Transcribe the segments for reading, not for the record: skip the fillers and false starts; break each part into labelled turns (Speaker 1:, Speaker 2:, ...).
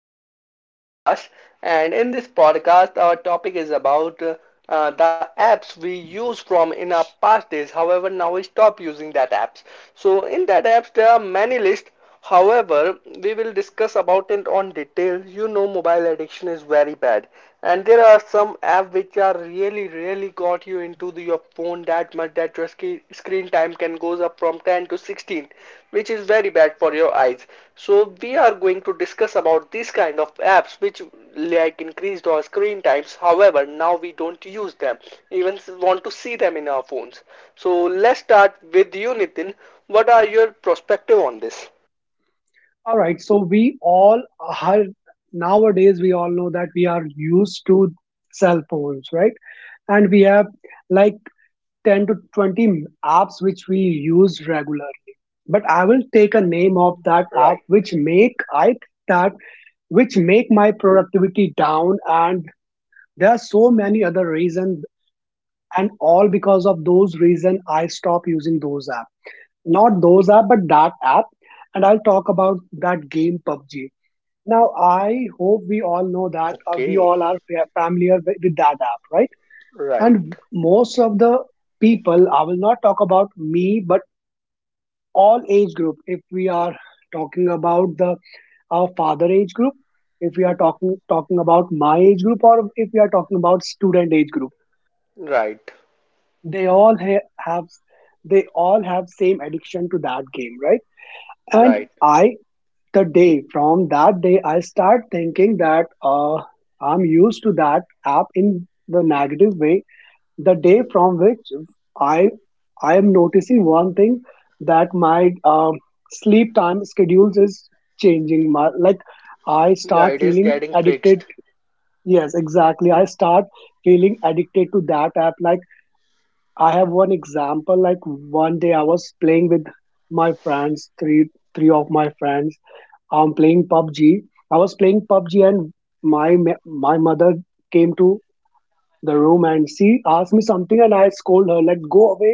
Speaker 1: To our new podcast. And in this podcast, our topic is about the apps we use from in our past days. However, now we stop using that apps. So, in that apps, there are many lists. However, we will discuss about it on detail. You know, mobile addiction is very bad, and there are some apps which are really, really got you into your phone that much that your screen time can goes up from 10 to 16, which is very bad for your eyes. So we are going to discuss about these kind of apps which like increased our screen times. However, now we don't use them, even want to see them in our phones. So let's start with you, Nitin. What are your perspective on this?
Speaker 2: All right. So we all are nowadays we all know that we are used to cell phones, right? And we have like 10 to 20 apps which we use regularly. But I will take a name of that app
Speaker 1: Right.
Speaker 2: which make I that which make my productivity down, and there are so many other reasons, and all because of those reason I stop using those apps. Not those app but that app, and I'll talk about that game PUBG. Now, I hope we all know that, we
Speaker 1: Okay.
Speaker 2: all are familiar with that app, right? And
Speaker 1: Right,
Speaker 2: most of the people, I will not talk about me, but all age group. If we are talking about the our father age group, if we are talking about my age group, or if we are talking about student age group,
Speaker 1: right,
Speaker 2: they all ha- have they all have same addiction to that game, right? And
Speaker 1: right.
Speaker 2: I The day from that day I start thinking that, uh, I'm used to that app in the negative way. The day from which i I am noticing one thing, that my um, sleep time schedules is changing my, like, I
Speaker 1: Yeah,
Speaker 2: start
Speaker 1: it is
Speaker 2: feeling
Speaker 1: getting fixed.
Speaker 2: addicted yes exactly I start feeling addicted to that app. Like, I have one example. Like one day I was playing with my friends, three of my friends. I'm playing PUBG. I was playing PUBG and my mother came to the room, and she asked me something, and I scolded her like, go away,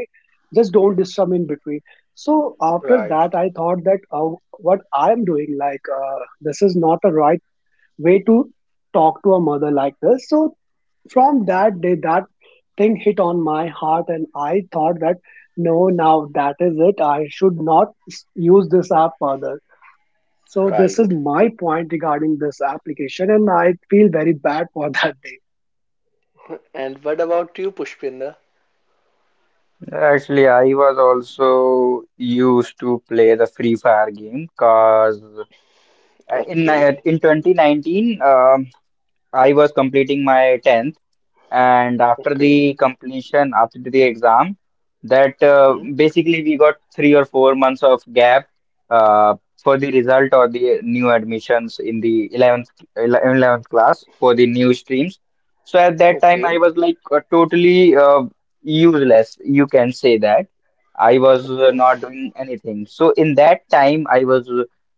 Speaker 2: just don't disturb me in between. So after
Speaker 1: Right,
Speaker 2: that, I thought that, what I am doing, like, this is not a right way to talk to a mother like this. So from that day, that thing hit on my heart, and I thought that no, now that is it. I should not use this app further. So this is
Speaker 1: right.
Speaker 2: my point regarding this application, and I feel very bad for that day.
Speaker 1: And what about you, Pushpinder?
Speaker 3: Actually, I was also used to play the Free Fire game because in
Speaker 1: Okay.
Speaker 3: in 2019, I was completing my 10th, and after
Speaker 1: Okay.
Speaker 3: the completion after the exam that
Speaker 1: Hmm.
Speaker 3: basically we got 3 or 4 months of gap uh, for the result or the new admissions in the 11th class for the new streams. So at that time I
Speaker 1: Okay.
Speaker 3: was like totally useless, you can say that. I was
Speaker 1: Okay.
Speaker 3: not doing anything, so in that time I was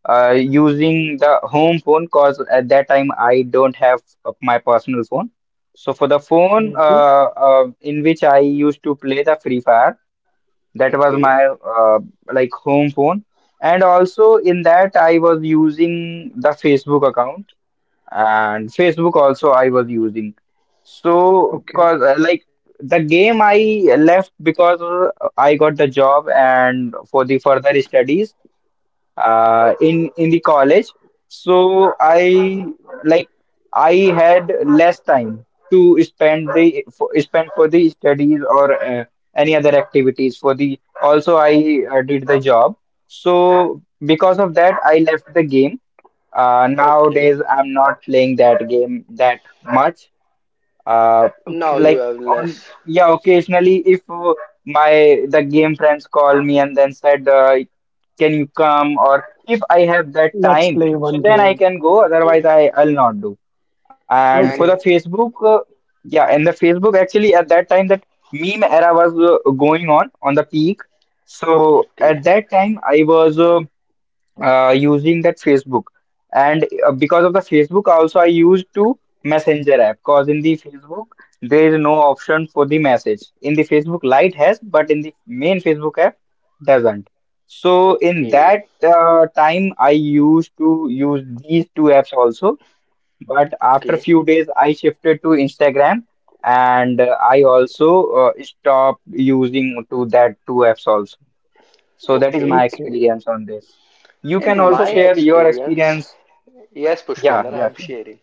Speaker 3: using the home phone, because at that time I don't have my personal phone. So for the phone,
Speaker 2: Hmm
Speaker 3: in which I used to play the Free Fire, that was my
Speaker 1: Okay.
Speaker 3: like home phone, and also in that I was using the Facebook account, and Facebook also I was using. So,
Speaker 2: Okay.
Speaker 3: cause like the game I left because I got the job and for the further studies, in the college. So I like I had less time to spend for the studies or any other activities. For the also I did the job, so because of that I left the game.
Speaker 1: Okay.
Speaker 3: Nowadays I'm not playing that game that much. uh,
Speaker 1: Now
Speaker 2: Okay.
Speaker 1: you
Speaker 3: like
Speaker 1: have
Speaker 3: on
Speaker 1: less.
Speaker 3: yeah, occasionally if my the game friends call me and then said, can you come, or if I have that
Speaker 2: Let's
Speaker 3: time,
Speaker 2: play
Speaker 3: so
Speaker 2: one
Speaker 3: then I
Speaker 2: game.
Speaker 3: can go, otherwise
Speaker 1: Okay.
Speaker 3: I'll not. Do and for the
Speaker 1: And.
Speaker 2: Okay,
Speaker 3: Facebook, yeah, and the Facebook, actually at that time that meme era was going on the peak. So at
Speaker 1: Okay.
Speaker 3: that time I was using that Facebook. And because of the Facebook, also I used to Messenger app. Cause in the Facebook there is no option for the message. In the Facebook Lite has, but in the main Facebook app doesn't. So in
Speaker 1: Okay.
Speaker 3: that time, I used to use these two apps also. But after
Speaker 1: Okay.
Speaker 3: few days, I shifted to Instagram, and I also stopped using to that two apps also. So that is my
Speaker 1: Okay.
Speaker 2: okay,
Speaker 3: experience on this. You can
Speaker 1: In
Speaker 3: also
Speaker 1: my
Speaker 2: okay.
Speaker 3: share your
Speaker 1: experience,
Speaker 3: experience.
Speaker 1: yes,
Speaker 3: Yeah,
Speaker 1: Pushpinder, I
Speaker 3: yeah,
Speaker 1: am
Speaker 3: sure.
Speaker 1: sharing.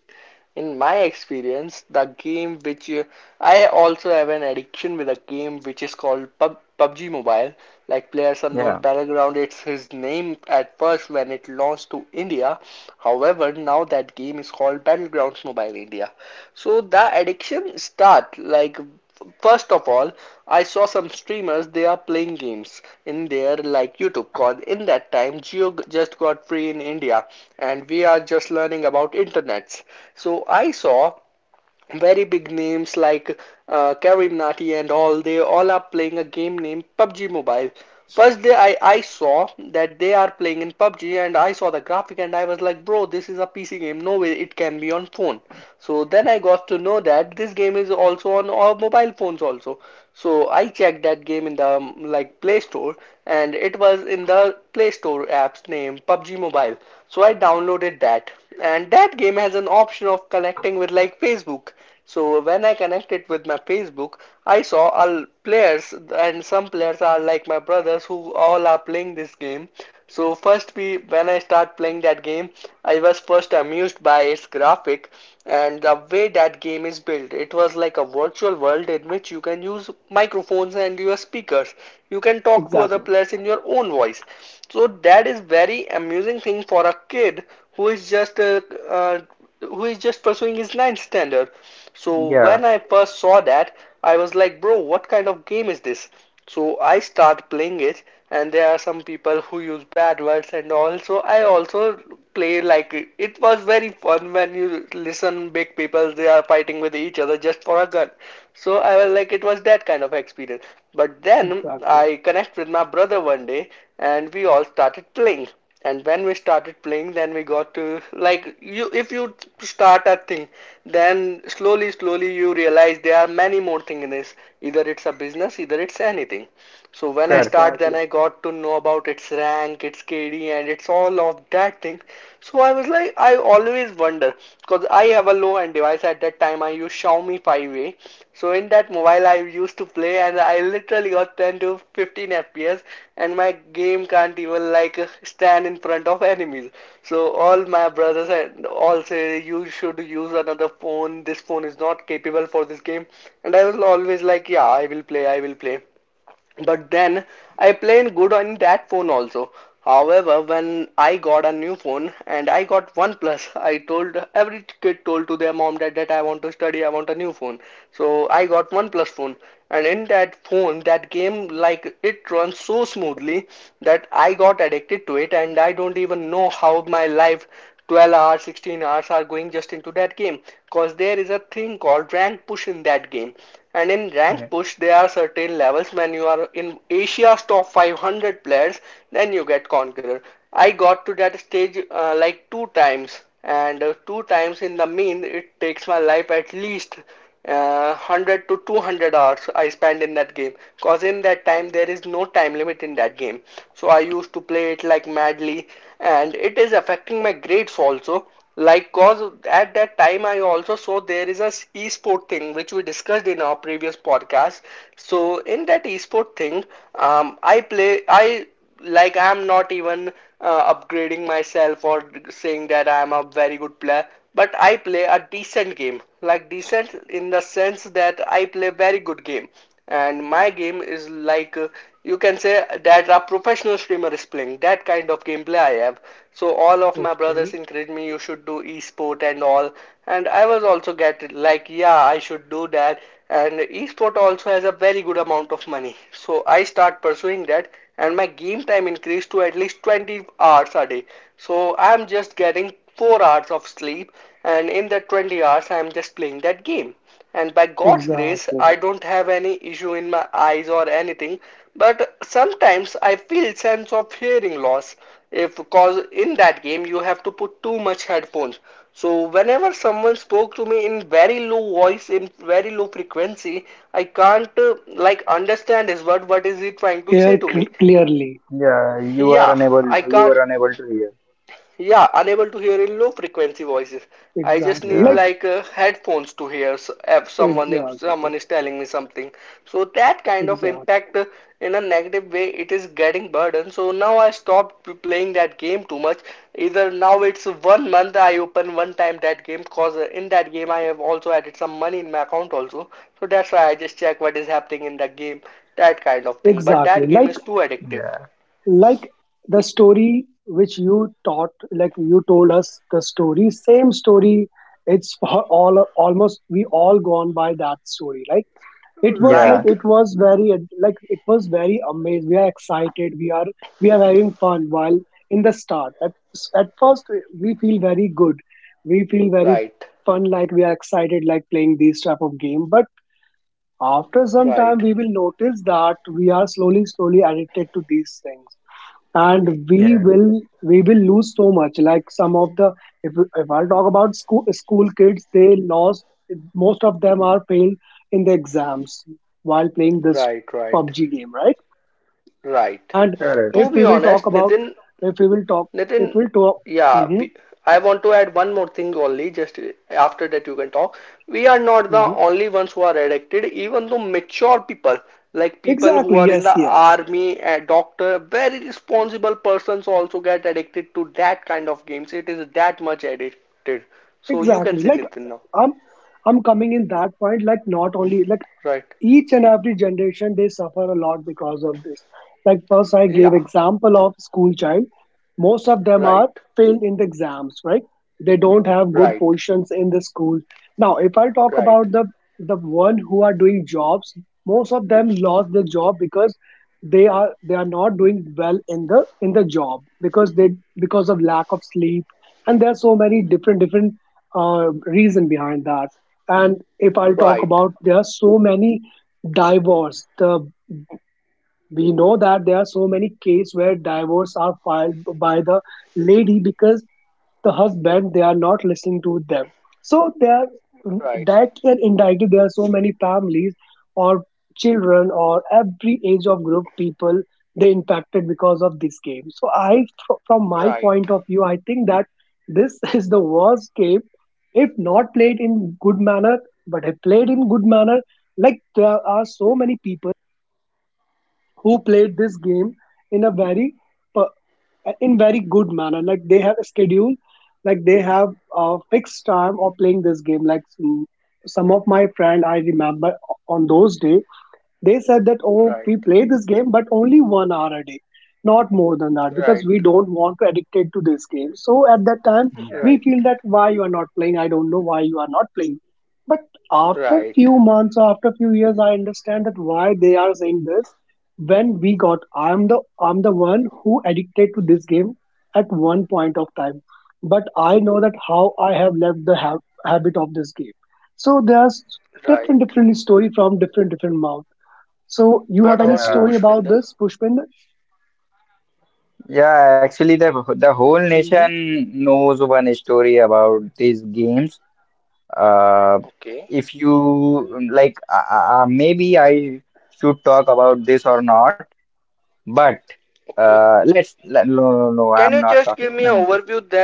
Speaker 1: In my experience, the game which I also have an addiction with a game which is called PUBG Mobile, like Players Unknown
Speaker 3: Yeah,
Speaker 1: Battleground. It's his name at first when it launched to India. However, now that game is called Battlegrounds Mobile India. So the addiction start like, first of all, I saw some streamers. They are playing games in their like YouTube called. In that time, Geo just got free in India, and we are just learning about internets. So I saw very big names like Karim Nati and all. They all are playing a game named PUBG Mobile. First day I saw that they are playing in PUBG, and I saw the graphic, and I was like, bro, this is a PC game. No way it can be on phone. So then I got to know that this game is also on all mobile phones also. So I checked that game in the like Play Store, and it was in the Play Store app's name PUBG Mobile. So I downloaded that, and that game has an option of connecting with like Facebook. So when I connect it with my Facebook, I saw all players, and some players are like my brothers who all are playing this game. So first we when I start playing that game, I was first amused by its graphic and the way that game is built. It was like a virtual world in which you can use microphones and your speakers. You can talk to other
Speaker 2: Exactly,
Speaker 1: players in your own voice. So that is very amusing thing for a kid who is just uh, uh, who is just pursuing his ninth standard. So
Speaker 3: yeah,
Speaker 1: when I first saw that, I was like, bro, what kind of game is this? So I start playing it, and there are some people who use bad words and all. So I also play like it. It was very fun when you listen big people they are fighting with each other just for a gun. So I was like, it was that kind of experience. But then
Speaker 2: exactly,
Speaker 1: I connect with my brother one day, and we all started playing. And when we started playing, then we got to like, you, if you start a thing, then slowly slowly you realize there are many more things in this. Either it's a business, either it's anything. So when I
Speaker 3: correct.
Speaker 1: start,
Speaker 2: exactly.
Speaker 1: then I got to know about its rank, its KD, and it's all of that thing. So I was like, I always wonder because I have a low-end device at that time. I use Xiaomi 5A. So in that mobile, I used to play, and I literally got 10 to 15 FPS, and my game can't even like stand in front of enemies. So all my brothers and all say you should use another phone. This phone is not capable for this game, and I was always like, yeah, I will play, I will play. But then I played good on that phone also. However, when I got a new phone and I got OnePlus, I told every kid told to their mom that I want to study, I want a new phone. So I got OnePlus phone, and in that phone, that game like it runs so smoothly that I got addicted to it, and I don't even know how my life 12 hours, 16 hours are going just into that game because there is a thing called rank push in that game. And in
Speaker 3: Yeah,
Speaker 1: rank push, there are certain levels. When you are in Asia's top 500 players, then you get conqueror. I got to that stage like two times, and two times in the mean, it takes my life at least 100 to 200 hours I spend in that game. Cause in that time, there is no time limit in that game. So I used to play it like madly, and it is affecting my grades also. Like, cause at that time I also saw there is a esport thing which we discussed in our previous podcast. So in that esport thing, I play. I Like, I'm not even upgrading myself or saying that I'm a very good player, but I play a decent game. Like decent in the sense that I play very good game, and my game is like you can say that a professional streamer is playing that kind of gameplay I have. So all of my
Speaker 2: Okay,
Speaker 1: brothers encouraged me, you should do esport and all. And I was also get like, yeah, I should do that. And esport also has a very good amount of money, so I start pursuing that. And my game time increased to at least 20 hours a day, so I'm just getting 4 hours of sleep. And in that 20 hours, I'm just playing that game, and by God's grace,
Speaker 2: exactly.
Speaker 1: I don't have any issue in my eyes or anything. But sometimes I feel sense of hearing loss. If cause in that game you have to put too much headphones. So whenever someone spoke to me in very low voice, in very low frequency, I can't like understand his word. What is he trying to say
Speaker 2: Here
Speaker 1: to me?
Speaker 2: clearly.
Speaker 3: yeah,
Speaker 1: Yeah, I
Speaker 3: you
Speaker 1: can't.
Speaker 3: were unable to hear.
Speaker 1: Yeah, unable to hear in low frequency voices. I just
Speaker 2: Exactly.
Speaker 1: need
Speaker 2: Like
Speaker 3: Yeah,
Speaker 1: like headphones to hear if someone if
Speaker 2: exactly,
Speaker 1: someone is telling me something. So that kind of
Speaker 2: exactly,
Speaker 1: impact in a negative way it is getting burden. So now I stopped playing that game too much. Either now it's one month I open one time that game cause in that game I have also added some money in my account also. So that's why I just check what is happening in the game, that kind of thing. But
Speaker 2: exactly.
Speaker 1: that game
Speaker 2: Like
Speaker 1: is too addictive.
Speaker 3: yeah,
Speaker 2: like the story which you taught like you told us, the story same story, it's for all, almost we all gone by that story, right? It was like,
Speaker 1: Right,
Speaker 3: yeah,
Speaker 2: it was very, it was very amazed. We are excited, we are, we are having fun while in the start, at first we feel very good, we feel very
Speaker 1: right,
Speaker 2: fun, like we are excited like playing these type of game. But after some time,
Speaker 1: right.
Speaker 2: we will notice that we are slowly slowly addicted to these things, and we
Speaker 3: yeah,
Speaker 2: will we will lose so much. Like some of the, if I talk about school kids, they lost, most of them are failed in the exams while playing this
Speaker 1: Right, right,
Speaker 2: PUBG game, right?
Speaker 1: right.
Speaker 2: And
Speaker 1: To
Speaker 2: if
Speaker 3: correct.
Speaker 1: be
Speaker 2: we will talk
Speaker 1: honest,
Speaker 2: about
Speaker 1: Nitin,
Speaker 2: if we will talk if
Speaker 1: Nitin,
Speaker 2: we'll talk.
Speaker 1: yeah,
Speaker 2: Hmm
Speaker 1: I want to add one more thing only, just after that you can talk. We are not the
Speaker 2: hmm
Speaker 1: only ones who are addicted, even though mature people, like people who
Speaker 2: exactly,
Speaker 1: are in
Speaker 2: yes,
Speaker 1: the
Speaker 2: yes.
Speaker 1: army, a doctor, very responsible persons also get addicted to that kind of games. It is that much addicted. So you can
Speaker 2: Exactly,
Speaker 1: say
Speaker 2: like,
Speaker 1: Nitin now.
Speaker 2: i'm I'm coming in that point. Like not only like
Speaker 1: Right.
Speaker 2: each and every generation, they suffer a lot because of this. Like first I gave
Speaker 1: Yeah.
Speaker 2: example of school child, most of them
Speaker 1: Right.
Speaker 2: are failed in the exams, right? They don't have good
Speaker 1: Right.
Speaker 2: positions in the school. Now if I talk
Speaker 1: Right.
Speaker 2: about the one who are doing jobs, most of them lost the job because they are not doing well in the job, because they, because of lack of sleep, and there are so many different uh, reason behind that. And if I'll talk
Speaker 1: Right.
Speaker 2: about, there are so many divorce. The, we know that there are so many cases where divorce are filed by the lady, because the husband they are not listening to them. So they are,
Speaker 1: Right.
Speaker 2: directly and indirectly, there are so many families, or children, or every age of group people, they impacted because of this game. So I from my
Speaker 1: Right.
Speaker 2: point of view, I think that this is the worst game if not played in good manner. But if played in good manner, like there are so many people who played this game in a very per- in very good manner. Like they have a schedule, like they have a fixed time of playing this game. Like some of my friend, I remember, on those day, they said that, oh,
Speaker 1: Right,
Speaker 2: we play this game but only 1 hour a day, not more than that,
Speaker 1: right,
Speaker 2: because we don't want to addicted to this game. So at that time
Speaker 1: right,
Speaker 3: Yeah,
Speaker 2: we feel that why you are not playing, I don't know why you are not playing. But after
Speaker 1: right,
Speaker 2: few months, after few years, I understand that why they are saying this. When we got, I'm the one who addicted to this game at one point of time. But I know that how I have left the habit of this game. So there's
Speaker 1: right.
Speaker 2: different story from different mouths. So
Speaker 1: What
Speaker 2: you have
Speaker 1: about
Speaker 2: any
Speaker 1: you,
Speaker 2: story
Speaker 3: yeah,
Speaker 1: Pushpinder?
Speaker 2: about this, Pushpinder?
Speaker 3: yeah. Actually, the whole
Speaker 2: Hmm
Speaker 3: nation knows one story about these games. Uh,
Speaker 1: Okay,
Speaker 3: if you like, maybe I should talk about this or not. But
Speaker 1: okay.
Speaker 3: no, no, no, no,
Speaker 1: Can you
Speaker 3: I'm
Speaker 1: just
Speaker 3: not
Speaker 1: give me
Speaker 3: talking
Speaker 1: an
Speaker 3: on this.
Speaker 1: overview then?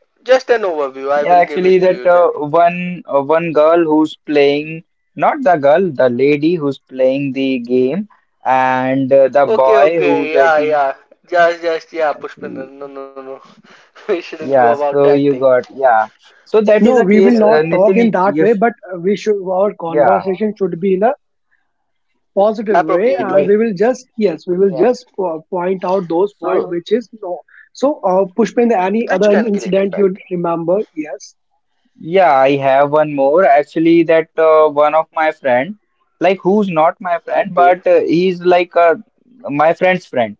Speaker 1: Just an overview. I will
Speaker 3: Yeah,
Speaker 1: give it to
Speaker 3: actually
Speaker 1: you
Speaker 3: that
Speaker 1: then.
Speaker 3: one girl who's playing, not the girl, the lady who's playing the game, and
Speaker 1: Okay,
Speaker 3: the boy
Speaker 1: okay.
Speaker 3: who's
Speaker 1: Yeah, yeah.
Speaker 3: waiting.
Speaker 1: Just, yeah, Pushpinder. No, no, no. We shouldn't go about
Speaker 3: Yeah,
Speaker 1: that thing.
Speaker 3: so you got, yeah. So that is
Speaker 2: No,
Speaker 3: a
Speaker 1: Yeah.
Speaker 2: we will
Speaker 3: case,
Speaker 2: not talk in
Speaker 3: Nitin.
Speaker 2: that way, but we should, our
Speaker 3: Yeah,
Speaker 2: conversation should be in a positive
Speaker 1: Appropriate way.
Speaker 2: way, and
Speaker 3: like,
Speaker 2: we will just, yes,
Speaker 1: Right.
Speaker 2: we will just point out those points
Speaker 3: so
Speaker 2: which is, no. So, Pushpinder,
Speaker 1: Which can
Speaker 2: any other
Speaker 1: create impact.
Speaker 2: incident you remember? Yes.
Speaker 3: yeah. I have one more actually. That one of my friend, like who's not my
Speaker 1: Okay,
Speaker 3: friend, but he's like my friend's friend.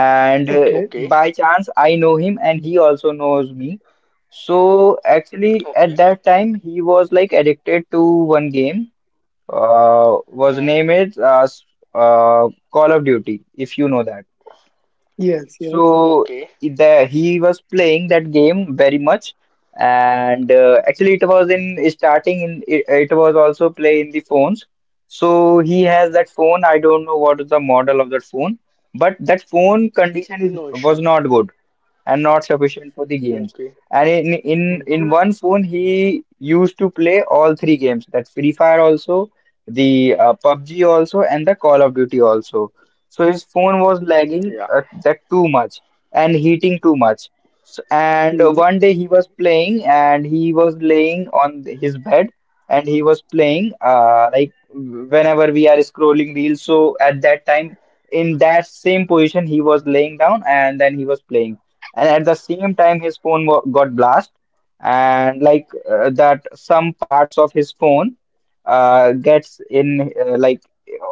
Speaker 3: And
Speaker 1: okay,
Speaker 2: Okay.
Speaker 3: by chance I know him, and he also knows me. So
Speaker 1: okay.
Speaker 3: actually at that time he was like addicted to one game.
Speaker 1: Hmm.
Speaker 3: Was name is s- Call of Duty, if you know that.
Speaker 2: Yes. Yes.
Speaker 1: Okay.
Speaker 3: So he was playing that game very much, and actually it was in starting in it, it was also play in the phones. So he has that phone. I don't know what is the model of that phone, but that phone
Speaker 1: No
Speaker 3: condition
Speaker 1: issues.
Speaker 3: is was not good and not sufficient for the
Speaker 1: Okay.
Speaker 3: games. And in
Speaker 2: hmm
Speaker 3: one phone, he used to play all three games. That Free Fire also, the PUBG also, and the Call of Duty also. So his phone was
Speaker 1: Yeah.
Speaker 3: lagging that too much and heating too much. So, and
Speaker 2: hmm
Speaker 3: one day he was playing and he was laying on his bed, and he was playing like whenever we are scrolling reels. So at that time, in that same position, he was laying down and then he was playing, and at the same time his got blast, and like that some parts of his phone gets in, like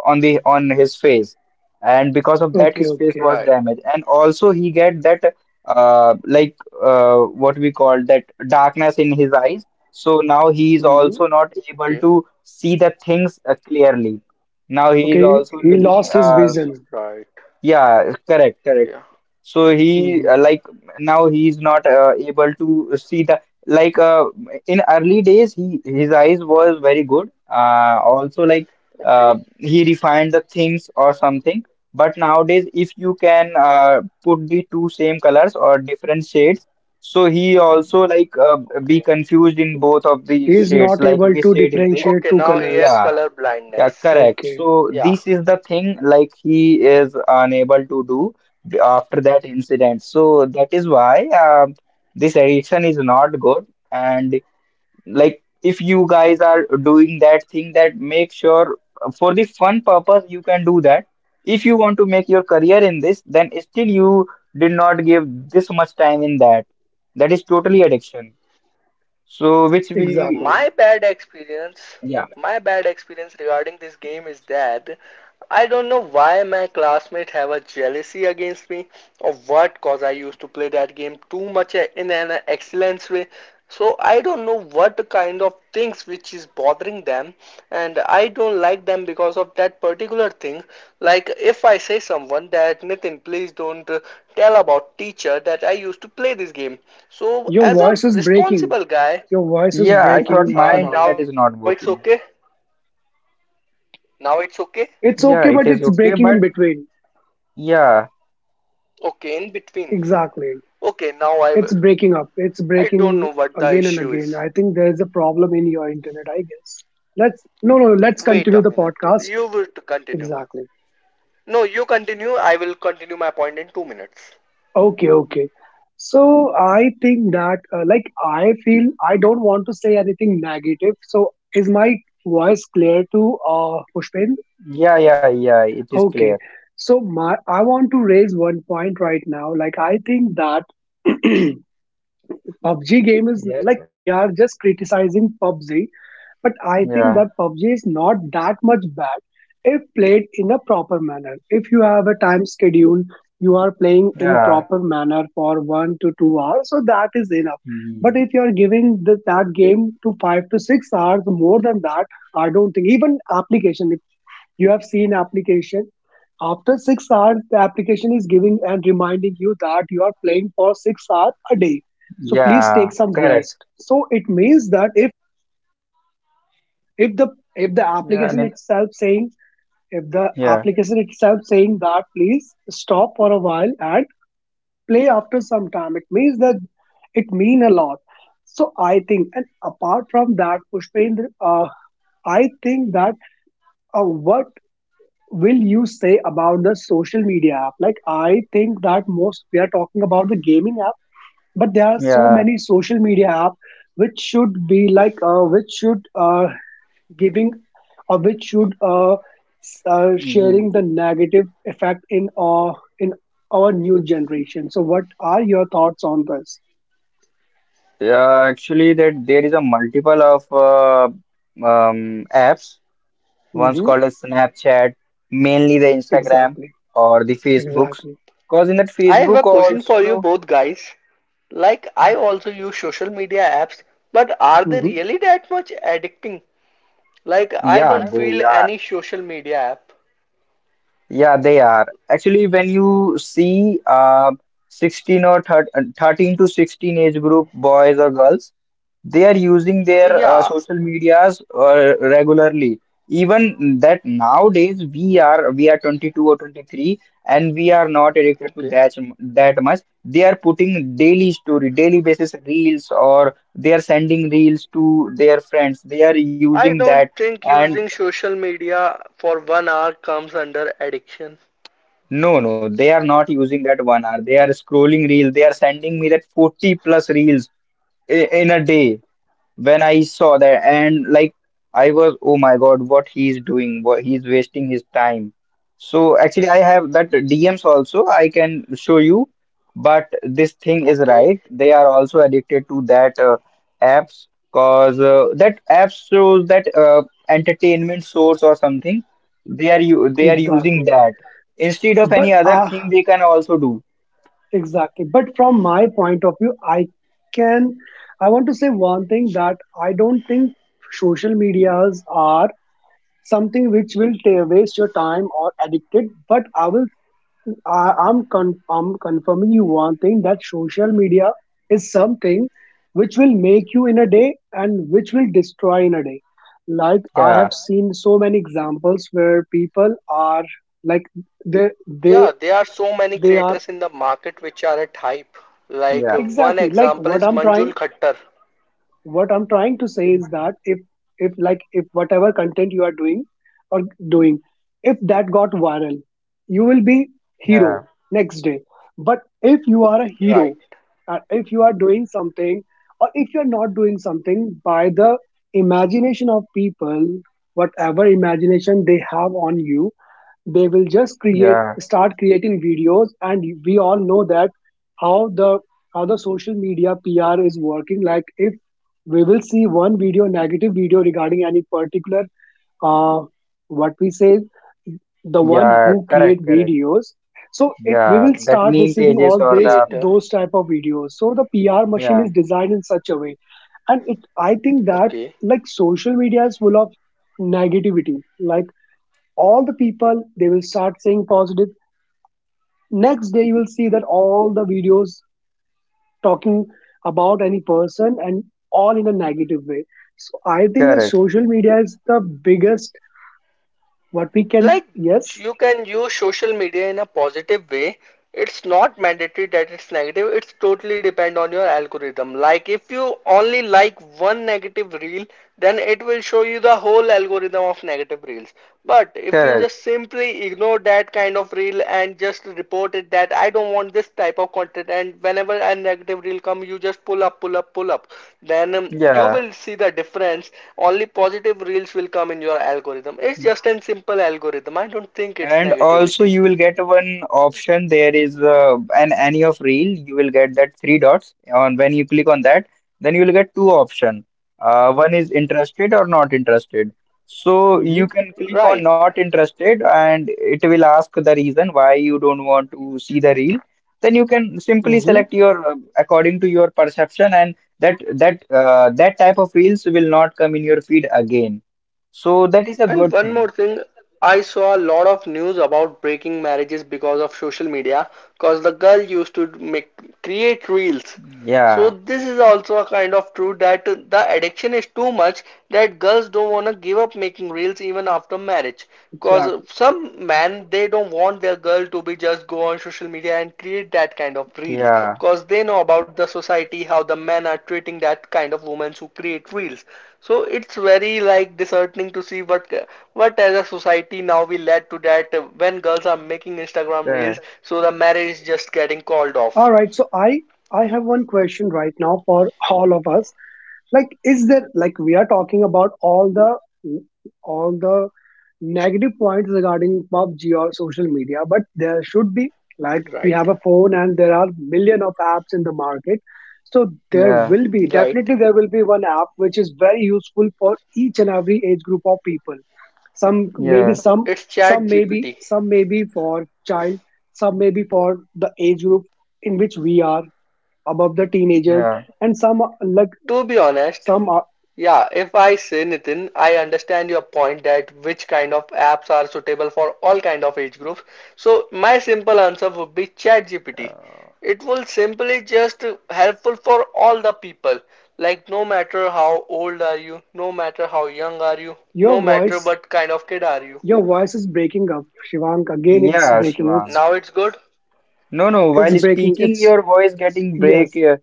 Speaker 3: on his face, and because of that
Speaker 2: Okay.
Speaker 3: his face
Speaker 2: Okay.
Speaker 3: was
Speaker 1: Right.
Speaker 3: damaged, and also he get that like uh, what we call that darkness in his eyes. So now he is
Speaker 2: hmm
Speaker 3: also not able
Speaker 1: Okay.
Speaker 3: to see the things clearly. Now he is
Speaker 2: Okay.
Speaker 3: also
Speaker 2: He
Speaker 3: looking,
Speaker 2: lost his vision.
Speaker 1: Right.
Speaker 3: yeah, correct, correct.
Speaker 1: Yeah.
Speaker 3: So he,
Speaker 2: Hmm
Speaker 3: like now he's not able to see the, like in early days he his eyes was very good, also like
Speaker 1: Okay.
Speaker 3: he refined the things or something. But nowadays if you can put the two same colors or different shades, so he also like be
Speaker 1: Okay.
Speaker 3: confused in both of the
Speaker 2: He is
Speaker 3: shades,
Speaker 2: not
Speaker 3: like
Speaker 2: able
Speaker 3: which
Speaker 2: to
Speaker 3: shade is this.
Speaker 2: differentiate
Speaker 1: Okay.
Speaker 2: two
Speaker 1: Now he has
Speaker 2: colors.
Speaker 3: Yeah,
Speaker 1: color
Speaker 3: yeah,
Speaker 1: blindness.
Speaker 3: correct.
Speaker 2: Okay.
Speaker 3: So
Speaker 1: Yeah.
Speaker 3: this is the thing, like he is unable to do after that incident. So that is why, this addiction is not good. And like if you guys are doing that thing, that make sure for the fun purpose you can do that. If you want to make your career in this, then still you did not give this much time in that. That is totally addiction. So which we
Speaker 2: Exactly.
Speaker 1: My bad experience,
Speaker 3: Yeah.
Speaker 1: my bad experience regarding this game is that I don't know why my classmates have a jealousy against me or what, cause I used to play that game too much in an excellence way. So I don't know what kind of things which is bothering them, and I don't like them because of that particular thing. Like if I say someone that Nitin please don't tell about teacher that I used to play this game. So
Speaker 2: Your
Speaker 1: as a
Speaker 2: voice is breaking.
Speaker 1: responsible guy,
Speaker 2: Your voice is
Speaker 3: Yeah, I thought
Speaker 2: breaking,
Speaker 3: my
Speaker 2: Shivang.
Speaker 1: now
Speaker 3: internet is
Speaker 1: it's
Speaker 3: not
Speaker 1: okay.
Speaker 3: working.
Speaker 1: Now it's okay.
Speaker 2: It's
Speaker 3: Yeah,
Speaker 2: okay,
Speaker 3: it
Speaker 2: but
Speaker 3: is
Speaker 2: it's
Speaker 3: okay,
Speaker 2: breaking in
Speaker 3: but
Speaker 2: between.
Speaker 3: yeah,
Speaker 1: Okay, in between.
Speaker 2: Exactly.
Speaker 1: Okay, now I will.
Speaker 2: It's breaking up. It's
Speaker 1: I don't know
Speaker 2: breaking
Speaker 1: what the
Speaker 2: again
Speaker 1: issue
Speaker 2: and
Speaker 1: is.
Speaker 2: again. I think there's a problem in your internet, I guess. Let's, no no, let's
Speaker 1: Wait a
Speaker 2: continue the
Speaker 1: minute.
Speaker 2: podcast.
Speaker 1: You will continue.
Speaker 2: Exactly.
Speaker 1: No, you continue. I will continue my point in 2 minutes.
Speaker 2: Okay, okay. So I think that, like I feel, I don't want to say anything negative. So is my voice clear to, uh, Pushpin?
Speaker 3: yeah, yeah, yeah, it is clear.
Speaker 2: Okay. So my, I want to raise one point right now. Like I think that PUBG game is,
Speaker 3: Yes,
Speaker 2: like, we are just criticizing PUBG, but I think
Speaker 3: yeah,
Speaker 2: that PUBG is not that much bad if played in a proper manner. If you have a time schedule, you are playing in
Speaker 3: yeah,
Speaker 2: proper manner for 1 to 2 hours, so that is enough. But
Speaker 3: mhm,
Speaker 2: if you are giving that game to 5 to 6 hours, more than that, I don't think even application. If you have seen application after 6 hours, the application is giving and reminding you that you are playing for 6 hours a day. So please
Speaker 3: yeah,
Speaker 2: take some
Speaker 3: correct.
Speaker 2: rest. So it means that if the if the
Speaker 3: Yeah, and
Speaker 2: application itself saying if the
Speaker 3: yeah,
Speaker 2: application itself saying that please stop for a while and play after some time, it means that it mean a lot. So I think, and apart from that, Pushpendra, I think that, what will you say about the social media app? Like, I think that most we are talking about the gaming app, but there are so
Speaker 3: yeah.
Speaker 2: many social media app which should be like, which should, giving, or which should,
Speaker 3: Mhm.
Speaker 2: sharing the negative effect in our, in our new generation. So, what are your thoughts on this?
Speaker 3: Yeah, actually, that there is a multiple of apps. One's
Speaker 2: Hmm
Speaker 3: called as Snapchat, mainly the Instagram
Speaker 2: Exactly,
Speaker 3: or the Facebooks.
Speaker 2: exactly,
Speaker 3: Because in that
Speaker 1: I have a
Speaker 3: Facebook
Speaker 1: question for you
Speaker 3: also,
Speaker 1: both guys. Like, I also use social media apps, but are they
Speaker 2: hmm
Speaker 1: really that much addicting? Like, I don't
Speaker 3: yeah, they
Speaker 1: feel
Speaker 3: are.
Speaker 1: any social media app.
Speaker 3: Yeah, they are. Actually, when you see, 13 to 16 age group boys or girls, they are using their
Speaker 1: Yeah.
Speaker 3: social medias regularly. Even that nowadays we are 22 or 23, and we are not addicted to
Speaker 1: Okay.
Speaker 3: that that much. They are putting daily story, daily basis reels, or they are sending reels to their friends. They are using
Speaker 1: I
Speaker 3: that.
Speaker 1: don't think
Speaker 3: And
Speaker 1: using social media for one hour comes under addiction.
Speaker 3: no, no, they are not using that 1 hour. They are scrolling reels. They are sending me that 40 plus reels in a day. When I saw that, and like I was, oh my God, what he's doing, what he's wasting his time. So actually I have that DMs also, I can show you. But this thing is
Speaker 1: Okay.
Speaker 3: right, they are also addicted to that apps. Cause that apps shows that entertainment source or something. They are using
Speaker 2: exactly.
Speaker 3: that instead of
Speaker 2: But
Speaker 3: any other thing they can also do.
Speaker 2: Exactly. But from my point of view, can, I want to say one thing, that I don't think social medias are something which will waste your time or addicted. But I will, I, I'm, con, I'm confirming you one thing, that social media is something which will make you in a day, and which will destroy in a day. Like I
Speaker 3: Yeah,
Speaker 2: have seen so many examples where people are, like they
Speaker 1: Yeah,
Speaker 2: they
Speaker 1: there are so many
Speaker 2: they are,
Speaker 1: creators in the market which are at hype. Like
Speaker 3: yeah,
Speaker 1: one
Speaker 2: exactly like
Speaker 1: example is Manjul Khattar,
Speaker 2: what I'm trying to say is that, if like, if whatever content you are doing, or doing if that got viral, you will be hero
Speaker 3: yeah,
Speaker 2: next day. But if you are a hero,
Speaker 1: right?
Speaker 2: if you are doing something, or if you're not doing something by the imagination of people, whatever imagination they have on you, they will just
Speaker 3: yeah,
Speaker 2: create start creating videos. And we all know that how the how the social media PR is working. Like if we will see one video, negative video regarding any particular, uh what we say the one
Speaker 3: yeah.
Speaker 2: who create
Speaker 3: Correct, correct.
Speaker 2: videos, so it, we
Speaker 3: Yeah,
Speaker 2: will
Speaker 3: that
Speaker 2: start
Speaker 3: meme
Speaker 2: receiving
Speaker 3: pages
Speaker 2: all
Speaker 3: or
Speaker 2: this,
Speaker 3: the
Speaker 1: Creator.
Speaker 2: those type of videos. So the PR machine
Speaker 3: yeah,
Speaker 2: is designed in such a way. And it, I think that,
Speaker 1: Okay.
Speaker 2: like, social media is full of negativity. Like all the people they will start saying positive, next day you will see that all the videos talking about any person and all in a negative way. So I think that
Speaker 3: correct,
Speaker 2: social media is the biggest, what we can,
Speaker 1: Like
Speaker 2: yes.
Speaker 1: you can use social media in a positive way. It's not mandatory that it's negative. It's totally depend on your algorithm. Like if you only like one negative reel, then it will show you the whole algorithm of negative reels. But if you
Speaker 3: correct.
Speaker 1: just simply ignore that kind of reel and just report it that I don't want this type of content. And whenever a negative reel come, you just pull up, pull up, pull up. Then you
Speaker 3: Yeah.
Speaker 1: will see the difference. Only positive reels will come in your algorithm. It's just a simple algorithm. I don't think it's
Speaker 3: And also
Speaker 1: negativity.
Speaker 3: you will get one option. There is an any of reel. You will get that three dots. On When you click on that, then you will get two option. One is interested or not interested. So you
Speaker 2: Mm-hmm.
Speaker 3: can click on
Speaker 1: Right.
Speaker 3: not interested, and it will ask the reason why you don't want to see the reel. Then you can simply
Speaker 2: Mm-hmm.
Speaker 3: select your, according to your perception, and that type of reels will not come in your feed again. So that is a
Speaker 1: And
Speaker 3: good
Speaker 1: one more
Speaker 3: thing.
Speaker 1: thing, I saw a lot of news about breaking marriages because of social media, because the girl used to make create reels. So
Speaker 3: Yeah,
Speaker 1: this is also a kind of true that the addiction is too much that girls don't want to give up making reels even after marriage. Cause
Speaker 2: Exactly.
Speaker 1: some men they don't want their girl to be just go on social media and create that kind of reels.
Speaker 3: yeah.
Speaker 1: Cause they know about the society how the men are treating that kind of women who create reels. So it's very like disheartening to see what as a society now we led to that when girls are making Instagram reels,
Speaker 3: Correct.
Speaker 1: so the marriage is just getting called
Speaker 2: All
Speaker 1: off.
Speaker 2: right, so I have one question right now for all of us. Like is there, like we are talking about all the negative points regarding PUBG or social media, but there should be. Like we
Speaker 1: Right,
Speaker 2: have a phone and there are million of apps in the market. So there
Speaker 3: Yeah,
Speaker 2: will be
Speaker 1: right.
Speaker 2: definitely there will be one app which is very useful for each and every age group of people. Some maybe
Speaker 3: yeah,
Speaker 2: some
Speaker 1: It's Chat
Speaker 2: some maybe
Speaker 1: GPT.
Speaker 2: some maybe for child, some maybe for the age group in which we are above the teenagers,
Speaker 3: yeah,
Speaker 2: and like
Speaker 1: To be honest,
Speaker 2: some are
Speaker 1: yeah, if I say Nitin, I understand your point that which kind of apps are suitable for all kind of age groups. So my simple answer would be ChatGPT.
Speaker 3: uh,
Speaker 1: It will simply just helpful for all the people. Like no matter how old are you, no matter how young are you, no
Speaker 2: your
Speaker 1: matter
Speaker 2: voice
Speaker 1: what kind of kid are you.
Speaker 2: your voice is breaking up, Shivank. Again, it's
Speaker 3: yeah,
Speaker 2: breaking.
Speaker 3: Shivang.
Speaker 2: It's
Speaker 1: Now it's good.
Speaker 3: No, no,
Speaker 2: It's
Speaker 3: while
Speaker 2: breaking.
Speaker 3: speaking,
Speaker 2: It's
Speaker 3: your voice getting break.
Speaker 2: yes.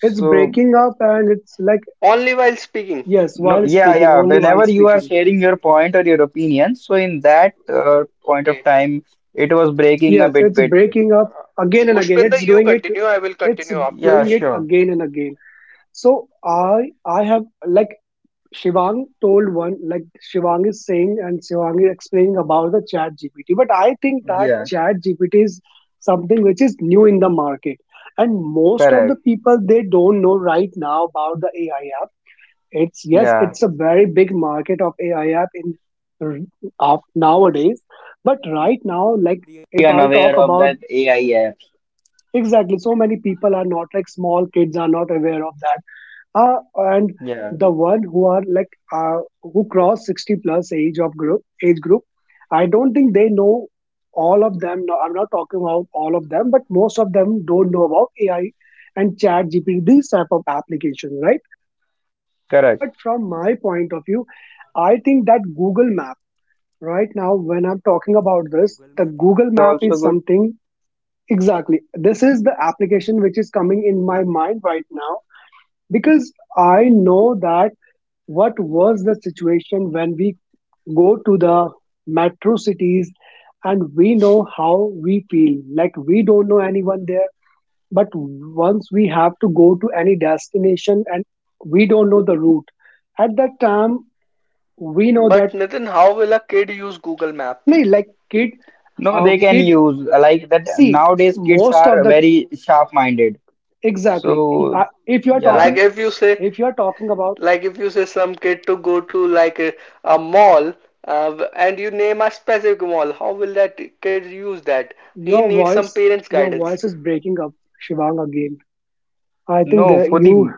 Speaker 2: It's breaking up, and it's like
Speaker 1: Only while speaking.
Speaker 2: yes,
Speaker 3: no,
Speaker 2: while
Speaker 3: yeah,
Speaker 2: speaking,
Speaker 3: yeah.
Speaker 2: only while
Speaker 3: Whenever you are
Speaker 2: speaking.
Speaker 3: sharing your point or your opinion, so in that point of
Speaker 1: Okay.
Speaker 3: time, it was breaking a
Speaker 2: Yes,
Speaker 3: bit,
Speaker 2: it's
Speaker 3: bit, bit.
Speaker 2: breaking up again and again.
Speaker 1: Pushpender,
Speaker 2: It's
Speaker 1: you
Speaker 2: doing it.
Speaker 1: continue. I will
Speaker 2: It's
Speaker 1: continue after.
Speaker 3: Yeah,
Speaker 2: doing it
Speaker 3: sure.
Speaker 2: again and again. So I have like Shivang told one like Shivang is saying and Shivang is explaining about the Chat GPT. But I think that
Speaker 3: Yeah,
Speaker 2: Chat GPT is something which is new in the market and most of the
Speaker 3: correct.
Speaker 2: people they don't know right now about the AI. It's yes,
Speaker 3: Yeah.
Speaker 2: it's a very big market of AI app in r- of nowadays. But right now, like if I'll talk about exactly, so many people are not like small kids are not aware of that. And the one who are like who cross 60 plus age group, I don't think they know all of them. No, I'm not talking about all of them, but most of them don't know about AI and Chat GPT, these type of applications, right? But from my point of view, I think that Google Map, right now, when I'm talking about this, the Google Map is something exactly. This is the application which is coming in my mind right now because I know that what was the situation when we go to the metro cities and we know how we feel. Like we don't know anyone there. But once we have to go to any destination and we don't know the route, at that time we know
Speaker 1: But
Speaker 2: that
Speaker 1: Nitin, how will a kid use Google Map?
Speaker 2: no, like kid
Speaker 3: No, they
Speaker 2: our
Speaker 3: can
Speaker 2: kid
Speaker 3: use like that.
Speaker 2: see
Speaker 3: Nowadays, kids
Speaker 2: most
Speaker 3: are
Speaker 2: of the
Speaker 3: very sharp-minded.
Speaker 2: exactly
Speaker 3: So,
Speaker 2: if you are
Speaker 3: yeah,
Speaker 1: Like if you say
Speaker 2: talking about
Speaker 1: Like if you say some kid to go to like a mall and you name a specific mall, how will that kid use that? He
Speaker 2: your
Speaker 1: needs some
Speaker 2: voice
Speaker 1: parents'
Speaker 2: your
Speaker 1: guidance.
Speaker 2: voice is breaking up, Shivang again. I think
Speaker 3: no,
Speaker 2: that
Speaker 3: for
Speaker 2: you
Speaker 3: the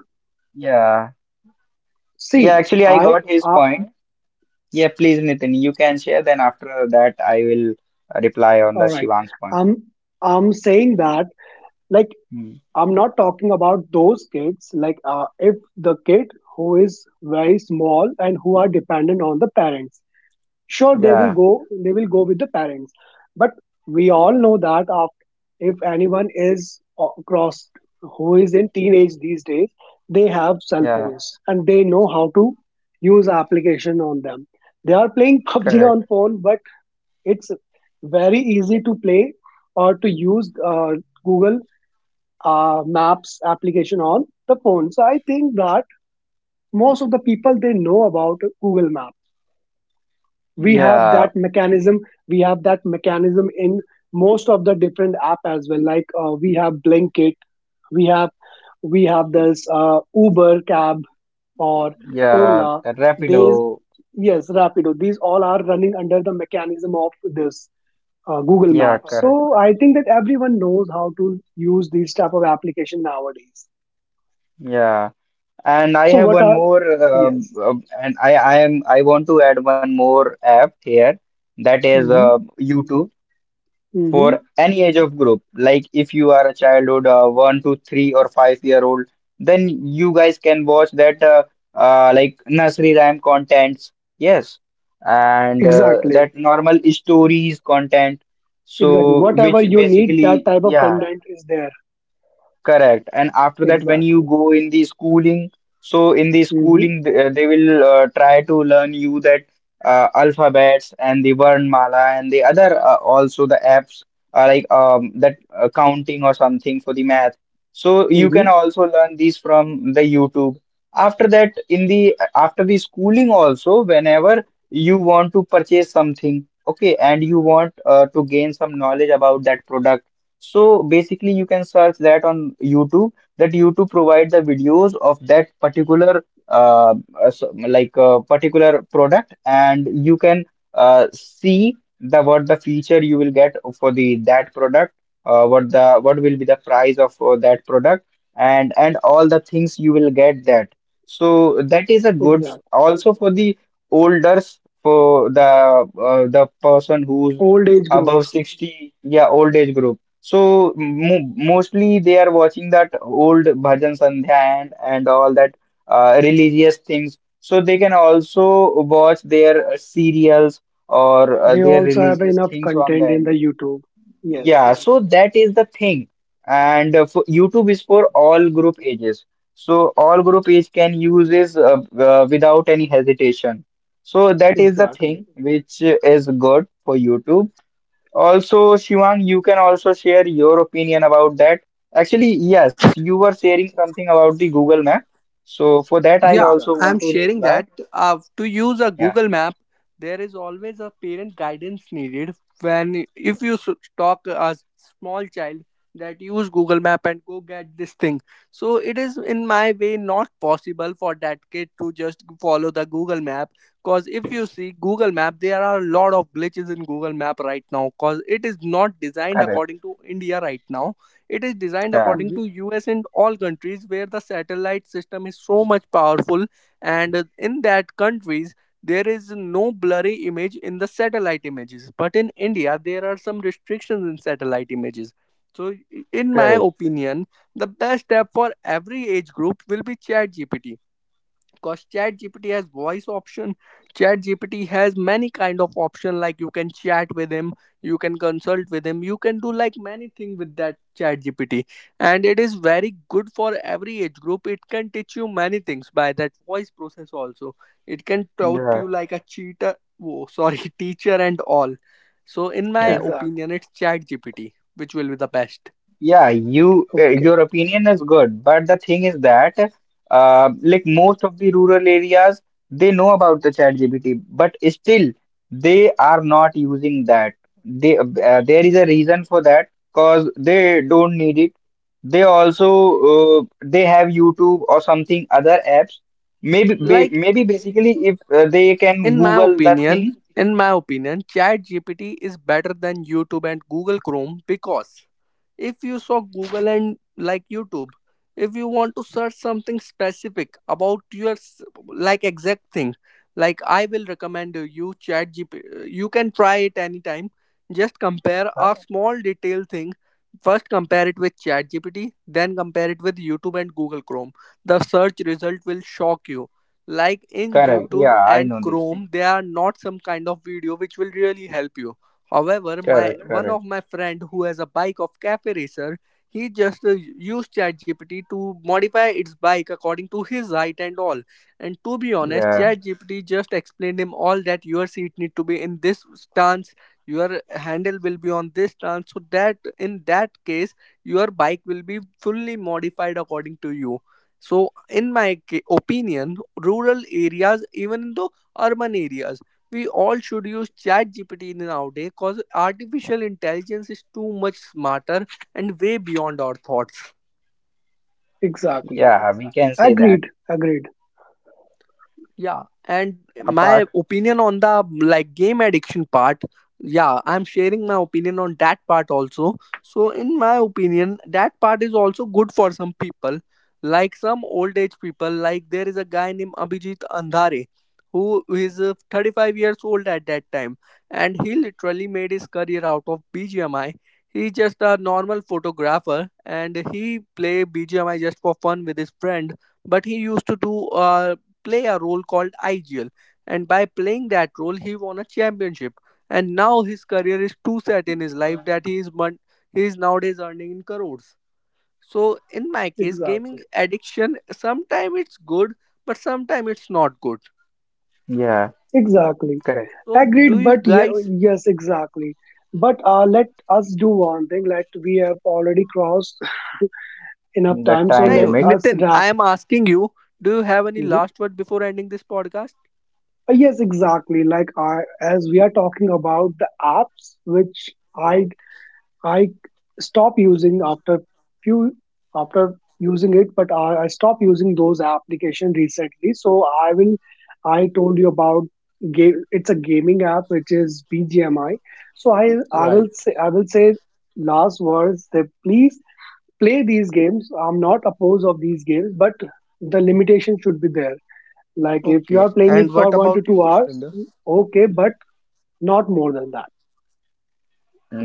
Speaker 3: yeah, yeah.
Speaker 2: see
Speaker 3: Actually, I
Speaker 2: I
Speaker 3: got his
Speaker 2: uh,
Speaker 3: point. Yeah, please, Nitin, you can share. Then after that, I will reply on the
Speaker 2: all right.
Speaker 3: Shivang's point.
Speaker 2: I'm i'm saying that like
Speaker 3: Hmm.
Speaker 2: I'm not talking about those kids like if the kid who is very small and who are dependent on the parents, sure they will
Speaker 3: Yeah,
Speaker 2: go they will go with the parents, but we all know that after, if anyone is across who is in teenage these days, they have cell
Speaker 3: yeah,
Speaker 2: phones and they know how to use application on them. They are playing PUBG
Speaker 3: correct.
Speaker 2: on phone, but it's very easy to play or to use Google Maps application on the phone. So I think that most of the people they know about Google Maps. We have
Speaker 3: Yeah,
Speaker 2: that mechanism. We have that mechanism in most of the different app as well like we have Blinkit. We have we have this Uber Cab or
Speaker 3: yeah,
Speaker 2: Ola. They
Speaker 3: Rapido.
Speaker 2: yes Rapido, these all are running under the mechanism of this Google
Speaker 3: Yeah,
Speaker 2: Maps. So
Speaker 3: correct, correct.
Speaker 2: I think that everyone knows how to use these type of application nowadays.
Speaker 3: Yeah. And I
Speaker 2: So
Speaker 3: have
Speaker 2: what
Speaker 3: one
Speaker 2: are
Speaker 3: more,
Speaker 2: yes
Speaker 3: and I want to add one more app here, that is
Speaker 2: hmm
Speaker 3: YouTube,
Speaker 2: hmm
Speaker 3: for any age of group. Like if you are a childhood, 1 to 3 or 5 year old, then you guys can watch that like nursery rhyme contents. Yes, and
Speaker 2: exactly
Speaker 3: that normal stories content.
Speaker 2: exactly
Speaker 3: So
Speaker 2: whatever
Speaker 3: which
Speaker 2: you need that
Speaker 3: basically,
Speaker 2: type of
Speaker 3: yeah.
Speaker 2: content is there.
Speaker 3: Correct. And after that, when you
Speaker 2: Exactly.
Speaker 3: go in the schooling, so in the
Speaker 2: Mm-hmm.
Speaker 3: schooling, they will try to learn you that, alphabets and the Varnmala, and the other, also the apps, like, that counting or something for the math. So you can
Speaker 2: Mm-hmm.
Speaker 3: also learn these from the YouTube. After that, in the after the schooling also, whenever you want to purchase something, okay, and you want to gain some knowledge about that product, so basically, you can search that on YouTube. That YouTube provides the videos of that particular, like particular product, and you can see the what the feature you will get for the that product, what the what will be the price of that product, and all the things you will get that. So that is a good
Speaker 2: Exactly.
Speaker 3: also for the olders, for the person who's
Speaker 2: Old age group.
Speaker 3: above 60, yeah, old age group. So mo mostly they are watching that old bhajan sandhya, and all that religious things. So they can also watch their serials or
Speaker 2: They
Speaker 3: their
Speaker 2: also have
Speaker 3: religious
Speaker 2: enough
Speaker 3: things on
Speaker 2: content
Speaker 3: there.
Speaker 2: in the YouTube. Yes,
Speaker 3: Yeah,
Speaker 2: yes.
Speaker 3: so that is the thing. And for YouTube is for all group ages. So all group age can use this without any hesitation. So that is the
Speaker 2: Exactly.
Speaker 3: thing which is good for YouTube. Also, Shivang, you can also share your opinion about that. Actually, yes, you were sharing something about the Google Map. So for that, I
Speaker 1: Yeah,
Speaker 3: also
Speaker 2: Exactly.
Speaker 3: want
Speaker 1: I'm
Speaker 3: to
Speaker 1: sharing
Speaker 3: reply.
Speaker 1: that. To use a
Speaker 3: Yeah,
Speaker 1: Google Map, there is always a parent guidance needed. When if you talk a small child that use Google Map and go get this thing, so it is in my way not possible for that kid to just follow the Google Map. Cause if you see Google Map, there are a lot of glitches in Google Map right now. Cause it is not designed
Speaker 3: correct.
Speaker 1: according to India right now. It is designed
Speaker 3: Yeah,
Speaker 1: according
Speaker 2: Mm-hmm.
Speaker 1: to US and all countries where the satellite system is so much powerful and in that countries there is no blurry image in the satellite images, but in India there are some restrictions in satellite images. So in my
Speaker 3: correct.
Speaker 1: opinion, the best app for every age group will be ChatGPT, because chat gpt has voice option. Chat gpt has many kind of option, like you can chat with him, you can consult with him, you can do like many thing with that chat gpt. And it is very good for every age group. It can teach you many things by that voice process also. It can taught you
Speaker 3: Yeah,
Speaker 1: like a cheater, oh sorry, teacher and all. So in my
Speaker 3: yeah.
Speaker 2: Exactly.
Speaker 1: opinion, it's chat gpt which will be the best.
Speaker 3: Yeah,
Speaker 2: Okay.
Speaker 3: your opinion is good, but the thing is that, like most of the rural areas, they know about the ChatGPT, but still they are not using that. They There is a reason for that, because they don't need it. They also, they have YouTube or something other apps.
Speaker 1: Like
Speaker 3: Maybe basically if they can
Speaker 1: in my
Speaker 3: Google the
Speaker 1: opinion,
Speaker 3: thing.
Speaker 1: ChatGPT is better than youtube and google chrome, because if you saw google and like youtube, if you want to search something specific about your like exact thing, like I will recommend you chat gp. You can try it anytime. Just compare a small detail thing. First compare it with chat gpt, then compare it with youtube and google chrome. The search result will shock you. Like in
Speaker 3: Correct.
Speaker 1: youtube
Speaker 3: Yeah, I
Speaker 1: and
Speaker 3: know this thing.
Speaker 1: chrome, there are not some kind of video which will really help you. However, my
Speaker 3: Correct.
Speaker 1: one
Speaker 3: Correct.
Speaker 1: of my friend who has a bike of cafe racer, he just used ChatGPT to modify its bike according to his height and all. And to be honest,
Speaker 3: Yeah.
Speaker 1: ChatGPT just explained him all that your seat need to be in this stance, your handle will be on this stance, so that in that case your bike will be fully modified according to you. So, in my opinion, rural areas, even though urban areas, we all should use chat gpt nowadays, because artificial intelligence is too much smarter and way beyond our thoughts.
Speaker 2: Exactly.
Speaker 3: Yeah, we can say that.
Speaker 2: Agreed. Agreed.
Speaker 1: Yeah, and my
Speaker 3: Apart,
Speaker 1: opinion on the like game addiction part, yeah, I'm sharing my opinion on that part also. So in my opinion, that part is also good for some people, like some old age people. Like there is a guy named Abhijit Andhare who is 35 years old at that time, and he literally made his career out of BGMI. He's just a normal photographer and he play BGMI just for fun with his friend. But he used to do play a role called IGL. And by playing that role, he won a championship. And now his career is too set in his life that he is he is nowadays earning in crores. So in my case,
Speaker 2: Exactly.
Speaker 1: gaming addiction sometimes it's good, but sometimes it's not good.
Speaker 3: yeah,
Speaker 2: Exactly.
Speaker 3: correct.
Speaker 1: So do
Speaker 2: Agreed.
Speaker 1: you
Speaker 2: But yeah,
Speaker 1: guys?
Speaker 2: yes, exactly. But let us do one thing. Let we have already crossed enough
Speaker 3: The
Speaker 2: time,
Speaker 3: time
Speaker 2: so let
Speaker 1: No,
Speaker 3: limit.
Speaker 2: us
Speaker 1: Nitin,
Speaker 2: wrap.
Speaker 1: I am asking you. Do you have any
Speaker 2: Mhm.
Speaker 1: last word before ending this podcast?
Speaker 2: Yes, exactly. Like I, as we are talking about the apps, which I
Speaker 1: Right.
Speaker 2: I stop using after few after using it, but I stop using those application recently. So I will. I told you about game. It's a gaming app which is BGMI. So I I will
Speaker 1: Right.
Speaker 2: say I will say last words that please play these games. I'm not opposed of these games, but the limitation should be there. Like if you are
Speaker 1: Okay.
Speaker 2: playing it
Speaker 1: And
Speaker 2: for
Speaker 1: what
Speaker 2: one to
Speaker 1: about
Speaker 2: two
Speaker 1: you,
Speaker 2: hours,
Speaker 1: Pushpinder?
Speaker 2: okay, but not more than that.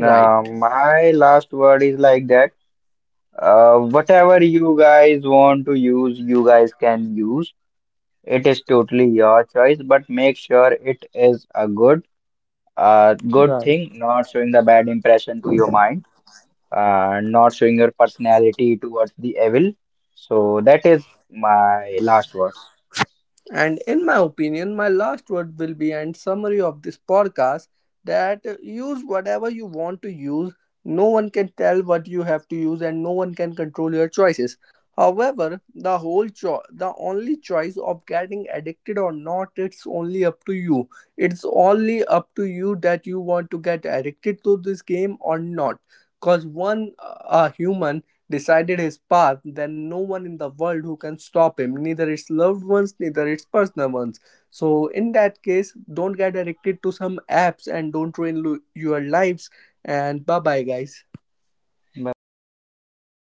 Speaker 1: Right.
Speaker 3: My last word is like that. Whatever you guys want to use, you guys can use. It is totally your choice, but make sure it is a good
Speaker 1: Right.
Speaker 3: thing, not showing the bad impression to your mind, not showing your personality towards the evil. So that is my last words.
Speaker 1: And in my opinion, my last word will be and summary of this podcast that use whatever you want to use. No one can tell what you have to use, and no one can control your choices. However, the whole the only choice of getting addicted or not, it's only up to you. It's only up to you that you want to get addicted to this game or not. Cause one a human decided his path, then no one in the world who can stop him, neither its loved ones, neither its personal ones. So, in that case, don't get addicted to some apps and don't ruin your lives. And bye bye, guys.
Speaker 3: Bye bye.